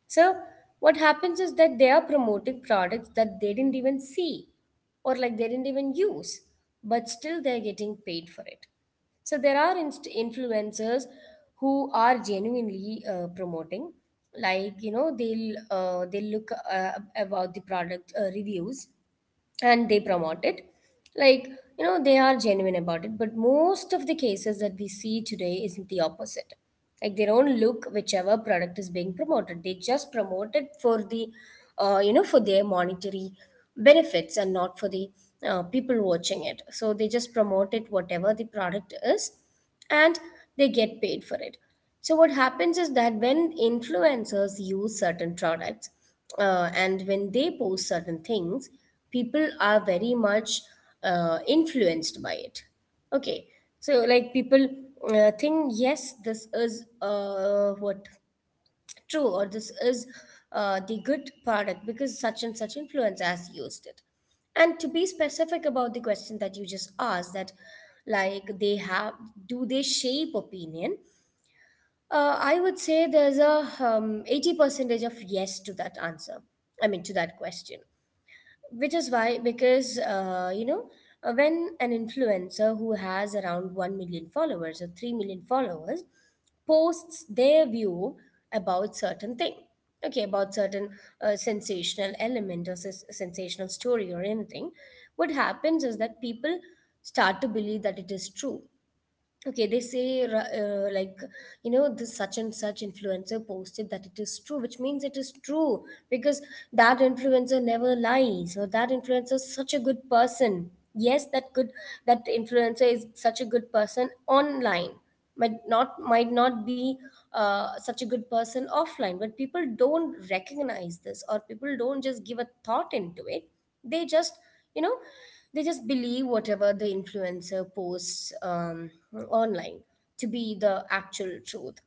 Speaker 2: So what happens is that they are promoting products that they didn't even see, or like they didn't even use, but still they're getting paid for it. So there are influencers who are genuinely promoting, like you know they'll they look about the product reviews and they promote it, like you know they are genuine about it. But most of the cases that we see today is the opposite, like they don't look whichever product is being promoted, they just promote it for the you know for their monetary benefits and not for the people watching it. So they just promote it whatever the product is, and they get paid for it. So, what happens is that when influencers use certain products and when they post certain things, people are very much influenced by it. Okay, so like people think, yes, this is what true or this is the good product because such and such influencer has used it. And to be specific about the question that you just asked, that like they have, do they shape opinion, I would say there's a 80 percentage of yes to that answer, I mean to that question. Which is why, because when an influencer who has around 1 million followers or 3 million followers posts their view about certain thing, okay, about certain sensational element or sensational story or anything, what happens is that people start to believe that it is true. Okay, they say uh, like you know, this such and such influencer posted that it is true, which means it is true, because that influencer never lies or that influencer is such a good person. Yes, that good, that influencer is such a good person online, might not be such a good person offline, but people don't recognize this or people don't just give a thought into it. They just you know, they just believe whatever the influencer posts online to be the actual truth.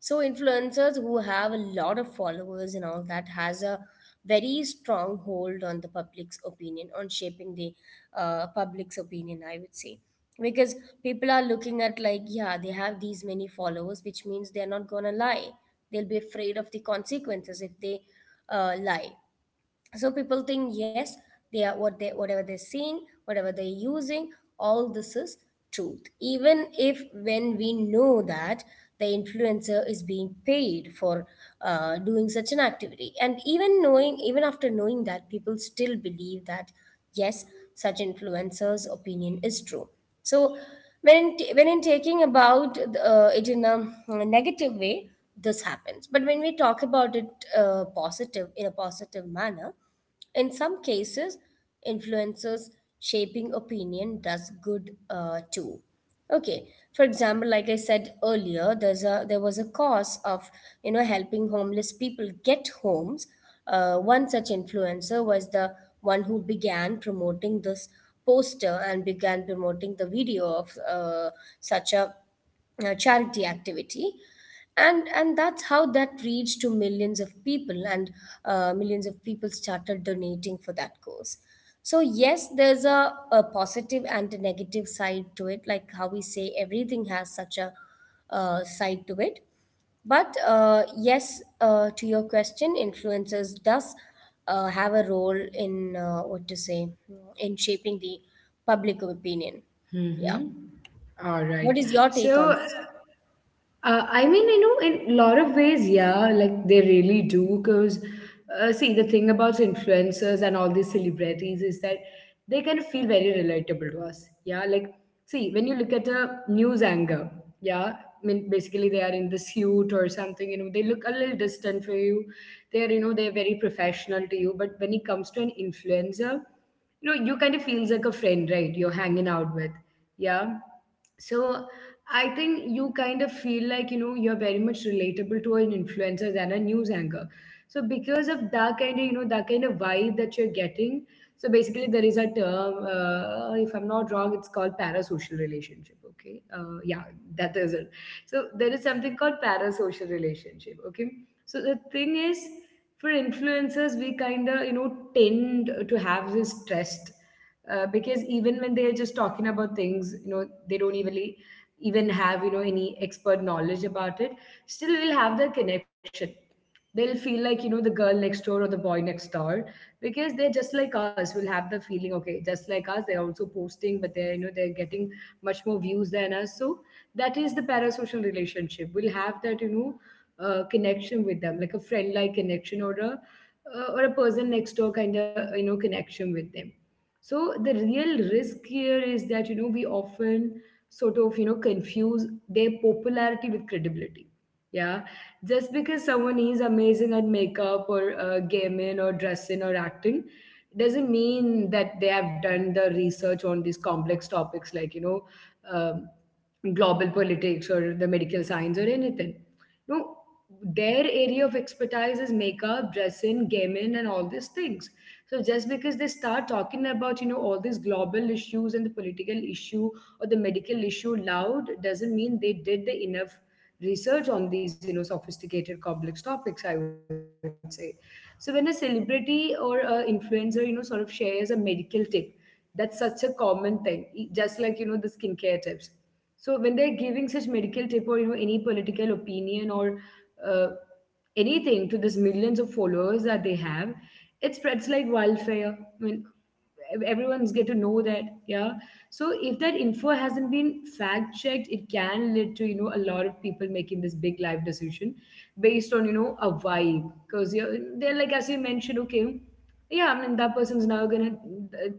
Speaker 2: So influencers who have a lot of followers and all that has a very strong hold on the public's opinion, on shaping the public's opinion, I would say. Because people are looking at like, yeah, they have these many followers, which means they're not gonna lie, they'll be afraid of the consequences if they lie. So people think yes, they are what they, whatever they're seeing, whatever they're using, all this is truth. Even if when we know that the influencer is being paid for doing such an activity, and even knowing even after knowing that, people still believe that yes, such influencers opinion is true. So when in taking about it in a negative way, this happens. But when we talk about it positive in a positive manner, in some cases, influencers shaping opinion does good too. Okay. For example, like I said earlier, there was a cause of you know helping homeless people get homes. One such influencer was the one who began promoting this poster and began promoting the video of such a charity activity, and that's how that reached to millions of people, and millions of people started donating for that cause. So yes, there's a positive and a negative side to it, like how we say everything has such a side to it. But yes, to your question, influencers does have a role in what to say in shaping the public opinion. Yeah.
Speaker 1: Mm-hmm. All right.
Speaker 2: What is your
Speaker 1: So
Speaker 2: take on this?
Speaker 1: I mean, you know, in a lot of ways, yeah, like they really do. Because, see, the thing about influencers and all these celebrities is that they kind of feel very relatable to us. Yeah, like, see, when you look at a news anchor, yeah, I mean, basically they are in the suit or something, you know, they look a little distant for you. They're, you know, they're very professional to you. But when it comes to an influencer, you know, you kind of feels like a friend, right? You're hanging out with. Yeah. So I think you kind of feel like, you know, you're very much relatable to an influencer than a news anchor. So because of that kind of, you know, that kind of vibe that you're getting, so basically there is a term, if I'm not wrong, it's called parasocial relationship. Okay, yeah, that is it. So there is something called parasocial relationship. Okay, so the thing is, for influencers, we kind of, you know, tend to have this stress because even when they're just talking about things, you know, they don't even have, you know, any expert knowledge about it, still they'll have the connection. They'll feel like, you know, the girl next door or the boy next door because they're just like us, will have the feeling. Okay, just like us, they're also posting, but they're, you know, they're getting much more views than us. So that is the parasocial relationship. We'll have that, you know, connection with them, like a friend like connection or a person next door kind of, you know, connection with them. So the real risk here is that, you know, we often sort of, you know, confuse their popularity with credibility. Yeah, just because someone is amazing at makeup or gaming or dressing or acting doesn't mean that they have done the research on these complex topics, like, you know, um, global politics or the medical science or anything. No, their area of expertise is makeup, dressing, gaming, and all these things. So just because they start talking about, you know, all these global issues and the political issue or the medical issue loud doesn't mean they did the enough research on these, you know, sophisticated complex topics, I would say. So when a celebrity or a influencer, you know, sort of shares a medical tip, that's such a common thing. Just like, you know, the skincare tips. So when they're giving such medical tip or, you know, any political opinion or uh, anything to these millions of followers that they have, it spreads like wildfire. I mean, everyone's get to know that, yeah. So if that info hasn't been fact checked, it can lead to, you know, a lot of people making this big life decision based on, you know, a vibe because they're like, as you mentioned, okay, yeah, I mean that person's now gonna,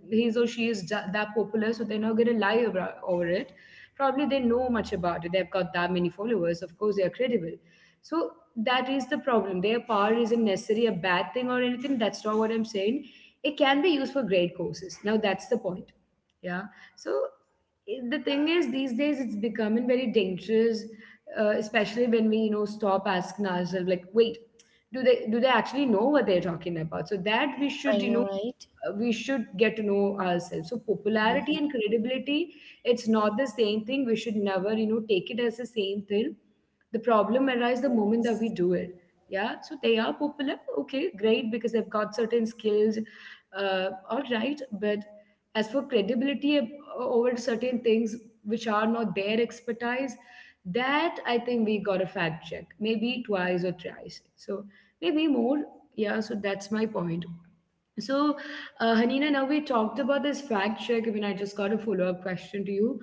Speaker 1: he's or she is that popular, so they're not gonna lie over it. Probably they know much about it, they've got that many followers, of course they are credible. So that is the problem. Their power isn't necessarily a bad thing or anything, that's not what I'm saying. It can be used for great courses, now that's the point. Yeah. So it- the thing is these days it's becoming very dangerous, especially when we, you know, stop asking ourselves like, wait, do they actually know what they're talking about? So that we
Speaker 2: I
Speaker 1: should, you
Speaker 2: know,
Speaker 1: know,
Speaker 2: right?
Speaker 1: we should get to know ourselves. So popularity and credibility, it's not the same thing. We should never, you know, take it as the same thing. The problem arises the moment that we do it. Yeah, so they are popular, okay, great, because they've got certain skills. All right. But as for credibility over certain things which are not their expertise, that I think we got to fact check maybe twice or thrice. So maybe more. Yeah, so that's my point. So, Hanina, now we talked about this fact check. I mean, I just got a follow up question to you.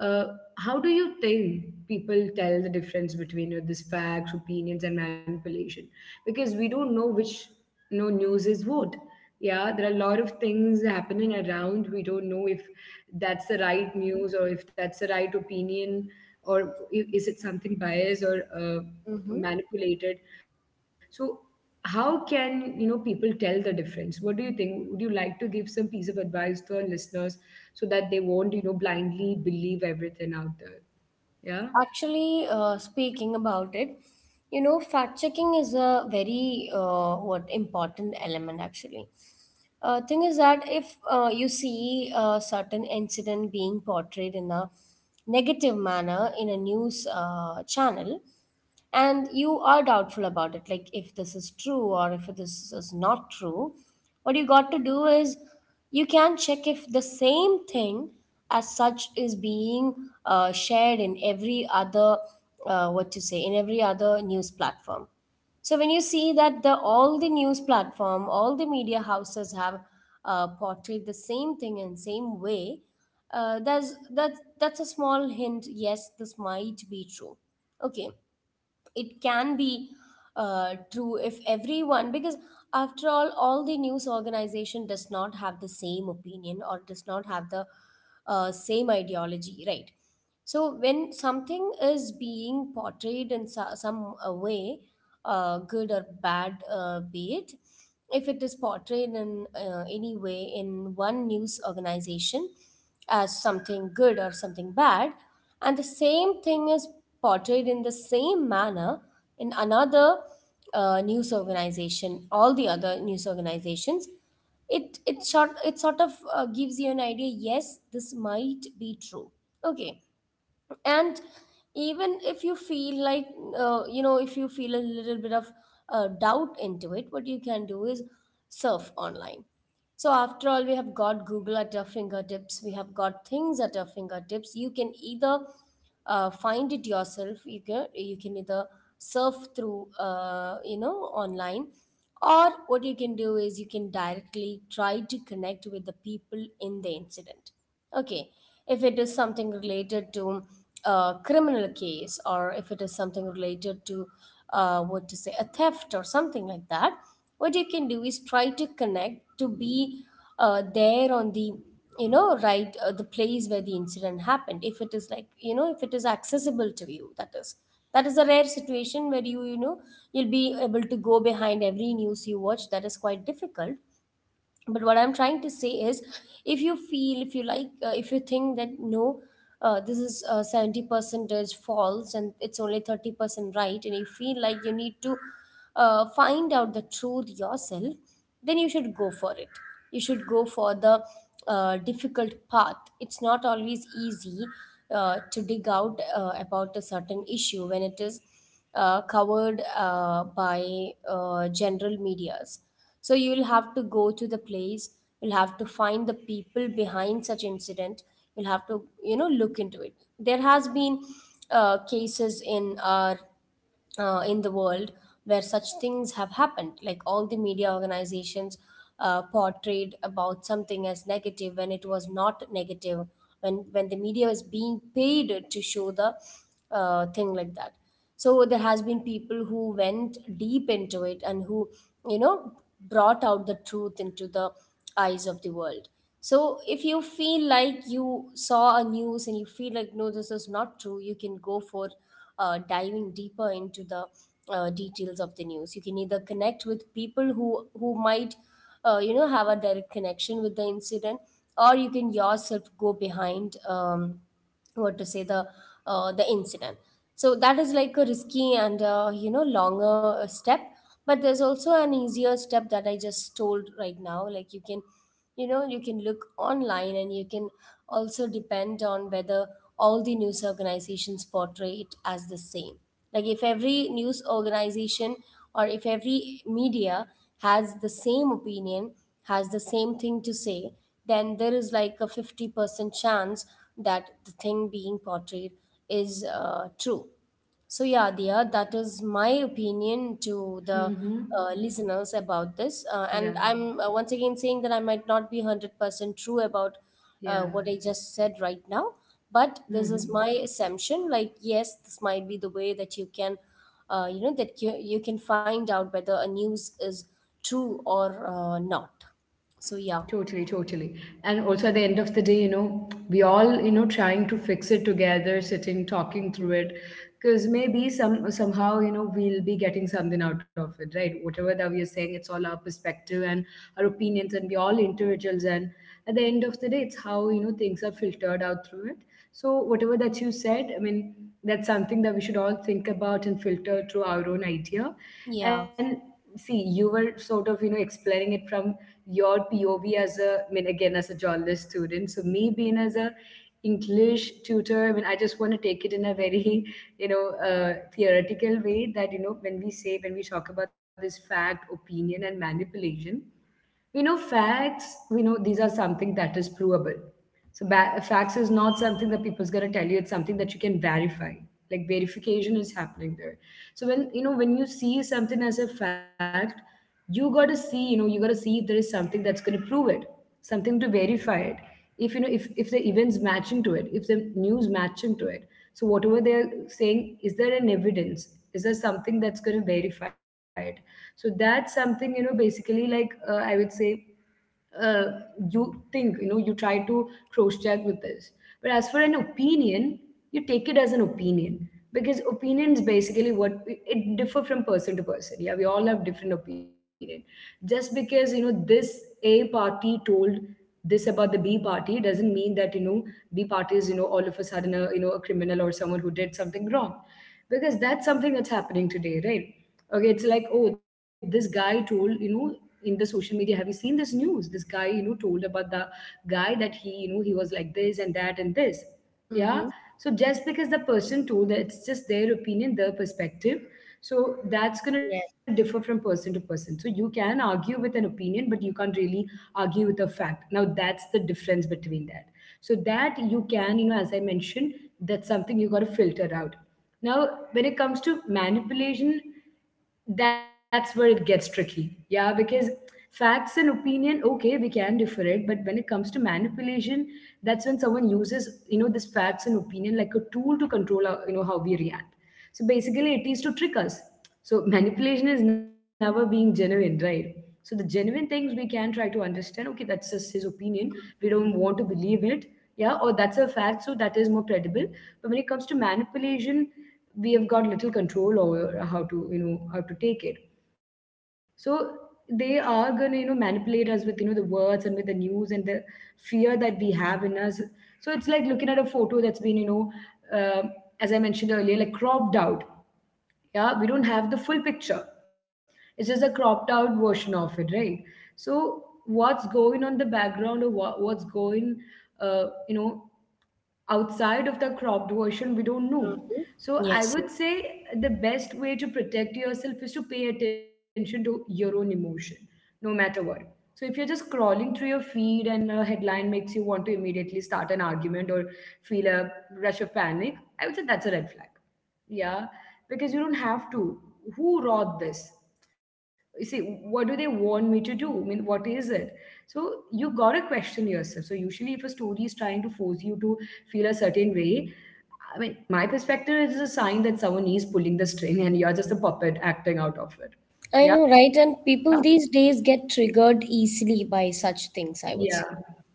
Speaker 1: Uh, how do you think people tell the difference between, you know, this facts, opinions, and manipulation? Because we don't know which, you know, news is what. Yeah, there are a lot of things happening around. We don't know if that's the right news or if that's the right opinion or is it something biased or
Speaker 2: Mm-hmm.
Speaker 1: manipulated. So, how can, you know, people tell the difference? What do you think? Would you like to give some piece of advice to our listeners so that they won't, you know, blindly believe everything out there? Yeah.
Speaker 2: Actually, speaking about it, you know, fact checking is a very what important element actually. Thing is that if you see a certain incident being portrayed in a negative manner in a news channel, and you are doubtful about it, like if this is true or if this is not true, what you got to do is you can check if the same thing as such is being shared in every other what to say in every other news platform. So when you see that the all the news platform, all the media houses have portrayed the same thing in same way, that's that's a small hint. Yes, this might be true. Okay, it can be true if everyone, because after all the news organization does not have the same opinion or does not have the same ideology, right? So when something is being portrayed in some way, good or bad, be it, if it is portrayed in any way in one news organization as something good or something bad, and the same thing is portrayed in the same manner in another news organization, all the other news organizations, it sort of gives you an idea. Yes, this might be true. Okay, and even if you feel like, if you feel a little bit of doubt into it, what you can do is surf online. So after all, we have got Google at our fingertips, we have got things at our fingertips. You can either find it yourself, you can either surf through, online, or what you can do is you can directly try to connect with the people in the incident. Okay, if it is something related to a criminal case, or if it is something related to what to say, a theft or something like that, what you can do is try to connect, to be there on the, you know, right, the place where the incident happened, if it is, like, you know, if it is accessible to you. That is, that is a rare situation where you know, you'll be able to go behind every news you watch. That is quite difficult. But what I'm trying to say is, if you feel, if you like, if you think that no, this is, 70% is false and it's only 30% right, and you feel like you need to find out the truth yourself, then you should go for it. You should go for the difficult path. It's not always easy to dig out about a certain issue when it is covered by general medias. So you'll have to go to the place, you'll have to find the people behind such incident, you'll have to, you know, look into it. There has been cases in our, in the world, where such things have happened. Like, all the media organizations portrayed about something as negative when it was not negative, when the media was being paid to show the thing like that. So there has been people who went deep into it and who, you know, brought out the truth into the eyes of the world. So if you feel like you saw a news and you feel like no, this is not true, you can go for diving deeper into the details of the news. You can either connect with people who might, have a direct connection with the incident, or you can yourself go behind, what to say, the incident. So that is like a risky and, longer step. But there's also an easier step that I just told right now. Like, you can, you know, you can look online, and you can also depend on whether all the news organizations portray it as the same. Like, if every news organization or if every media has the same opinion, has the same thing to say, then there is like a 50% chance that the thing being portrayed is true. So, yeah, Dia, that is my opinion to the
Speaker 1: Mm-hmm.
Speaker 2: listeners about this. And
Speaker 1: Yeah.
Speaker 2: I'm once again saying that I might not be 100% true about
Speaker 1: Yeah.
Speaker 2: what I just said right now, but this is my
Speaker 1: Mm-hmm.
Speaker 2: assumption. Like, yes, this might be the way that you can, that you can find out whether a news is true or not. So, yeah.
Speaker 1: Totally, totally. And also at the end of the day, you know, we all, you know, trying to fix it together, sitting, talking through it, because maybe some somehow, you know, we'll be getting something out of it, right? Whatever that we are saying, it's all our perspective and our opinions, and we all individuals. And at the end of the day, it's how, you know, things are filtered out through it. So whatever that you said, I mean, that's something that we should all think about and filter through our own idea.
Speaker 2: Yeah.
Speaker 1: And see, you were sort of, you know, explaining it from your POV as a, I mean, again, as a journalist student. So me being as a English tutor, I mean, I just want to take it in a very, you know, theoretical way that, you know, when we say, when we talk about this fact, opinion, and manipulation, you know, facts, we know these are something that is provable. So facts is not something that people's gonna tell you. It's something that you can verify. Like verification is happening there. So when, you know, when you see something as a fact, you gotta see. You know, you gotta see if there is something that's gonna prove it, something to verify it, if the events matching to it, if the news matching to it, so whatever they're saying, is there an evidence, is there something that's going to verify it? So that's something, basically, I would say, uh, you think, you try to cross check with this. But as for an opinion, you take it as an opinion, because opinions basically, what, it differ from person to person. Yeah, we all have different opinion. Just because, this A party told this about the B party, doesn't mean that, B party is, all of a sudden a, a criminal or someone who did something wrong. Because that's something that's happening today, right? Okay, it's like, oh, this guy told, in the social media, have you seen this news, this guy, told about the guy that he, he was like this and that and this. Yeah,
Speaker 2: Mm-hmm.
Speaker 1: so just because the person told that, it's just their opinion, their perspective. So that's going to differ
Speaker 2: Yes.
Speaker 1: from person to person, so you can argue with an opinion, but you can't really argue with a fact. Now that's the difference between that. So that you can, as I mentioned, that's something you got to filter out. Now, when it comes to manipulation, that's where it gets tricky. Yeah, because facts and opinion, okay, we can differ it, but when it comes to manipulation, that's when someone uses, this facts and opinion like a tool to control our, how we react. So basically it is to trick us. So manipulation is never being genuine, right? So the genuine things we can try to understand, okay, that's just his opinion. We don't want to believe it. Yeah, or that's a fact, so that is more credible. But when it comes to manipulation, we have got little control over how to, how to take it. So they are going to, manipulate us with, the words and with the news and the fear that we have in us. So it's like looking at a photo that's been, um as I mentioned earlier, like cropped out. Yeah, we don't have the full picture. It's just a cropped out version of it, right? So what's going on the background, or what's going uh, you know outside of the cropped version, we don't know. So I
Speaker 2: Yes. Yes.
Speaker 1: would say the best way to protect yourself is to pay attention to your own emotion, no matter what. So if you're just scrolling through your feed and a headline makes you want to immediately start an argument or feel a rush of panic, I would say that's a red flag. Yeah, because you don't have to. Who wrote this? You see, what do they want me to do? I mean, what is it? So you gotta question yourself. So usually if a story is trying to force you to feel a certain way, I mean, my perspective is a sign that someone is pulling the string and you're just a puppet acting out of it.
Speaker 2: I
Speaker 1: Yeah.
Speaker 2: know, right? And people these days get triggered easily by such
Speaker 1: Yeah.
Speaker 2: things, I would say.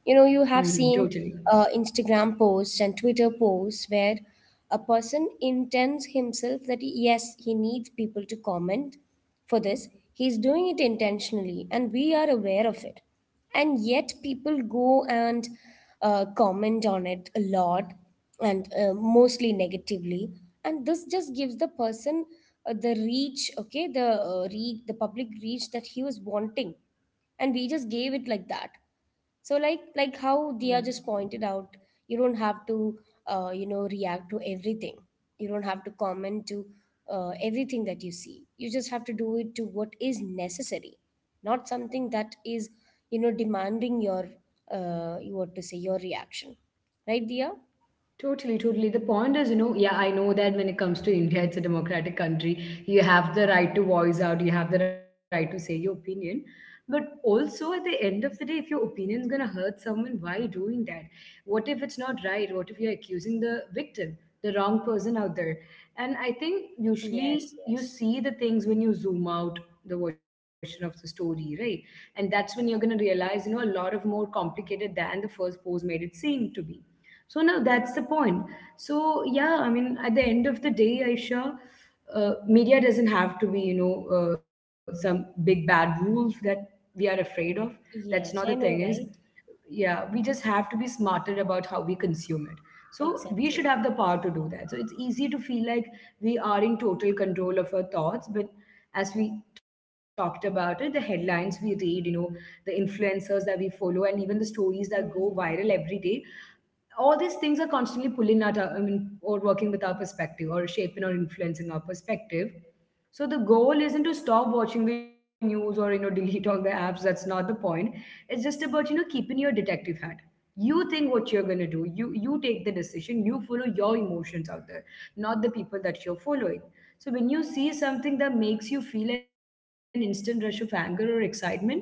Speaker 2: You know, you
Speaker 1: Mhm,
Speaker 2: have seen
Speaker 1: totally.
Speaker 2: Instagram posts and Twitter posts where a person intends himself that yes, he needs people to comment for this. He's doing it intentionally, and we are aware of it, and yet people go and comment on it a lot, and mostly negatively. And this just gives the person the reach. Okay, the reach, the public reach that he was wanting, and we just gave it like that. So, like how
Speaker 1: Yeah.
Speaker 2: Dia just pointed out, you don't have to, react to everything. You don't have to comment to everything that you see. You just have to do it to what is necessary, not something that is, you know, demanding your what to say, your reaction, right, Dia?
Speaker 1: Totally, totally. The point is, yeah, I know that when it comes to India, it's a democratic country. You have the right to voice out, you have the right to say your opinion. But also, at the end of the day, if your opinion's gonna hurt someone, why you doing that? What if it's not right? What if you're accusing the victim, the wrong person out there? And I think usually
Speaker 2: Yes,
Speaker 1: you
Speaker 2: yes.
Speaker 1: see the things when you zoom out the version of the story, right? And that's when you're gonna realize, a lot of more complicated than the first pose made it seem to be. So now that's the point. So yeah, I mean, at the end of the day, Aisha, media doesn't have to be, some big bad rules that we are afraid of. That's not the
Speaker 2: Yes,
Speaker 1: thing.
Speaker 2: I
Speaker 1: Is,
Speaker 2: know, right.
Speaker 1: yeah, we just have
Speaker 2: Mhm.
Speaker 1: to be smarter about how we consume it. So we should
Speaker 2: Exactly.
Speaker 1: have the power to do that. So it's easy to feel like we are in total control of our thoughts, but as we talked about it, the headlines we read, the influencers that we follow, and even the stories that go viral
Speaker 2: Hmm.
Speaker 1: every day, all these things are constantly pulling at our, I mean, or working with our perspective, or shaping or influencing our perspective. So the goal isn't to stop watching the news or, delete all the apps. That's not the point. It's just about, keeping your detective hat. You think what you're going to do. You take the decision. You follow your emotions out there, not the people that you're following. So when you see something that makes you feel an instant rush of anger or excitement,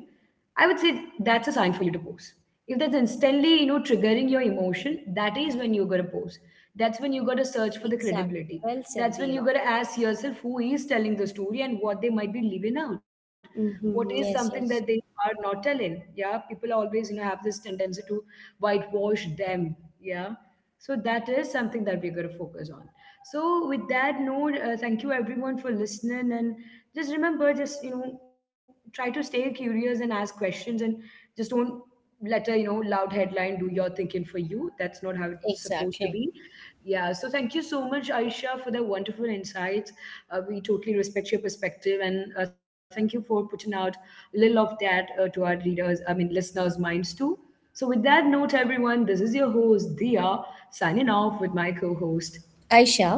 Speaker 1: I would say that's a sign for you to pause. If that's instantly, triggering your emotion, that is when you gotta pause. That's when you gotta search for the
Speaker 2: Exactly,
Speaker 1: credibility.
Speaker 2: well said,
Speaker 1: That's when you
Speaker 2: Dia.
Speaker 1: gotta ask yourself who is telling the story and what they might be leaving out. What is
Speaker 2: Hmm,
Speaker 1: something that
Speaker 2: yes,
Speaker 1: they
Speaker 2: yes.
Speaker 1: are not telling? Yeah, people always, have this tendency to whitewash them. Yeah, so that is something that we're going to focus on. So with that note, thank you everyone for listening, and just remember, just, try to stay curious and ask questions, and just don't let a, loud headline do your thinking for you. That's not how it's supposed to
Speaker 2: Exactly.
Speaker 1: be. Yeah. So thank you so much, Aisha, for the wonderful insights. We totally respect your perspective, and thank you for putting out a little of that to our readers, I mean, listeners' minds too. So, with that note, everyone, this is your host, Dia, signing off with my co host.
Speaker 2: Aisha.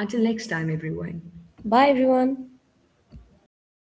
Speaker 1: Until next time, everyone.
Speaker 2: Bye, everyone.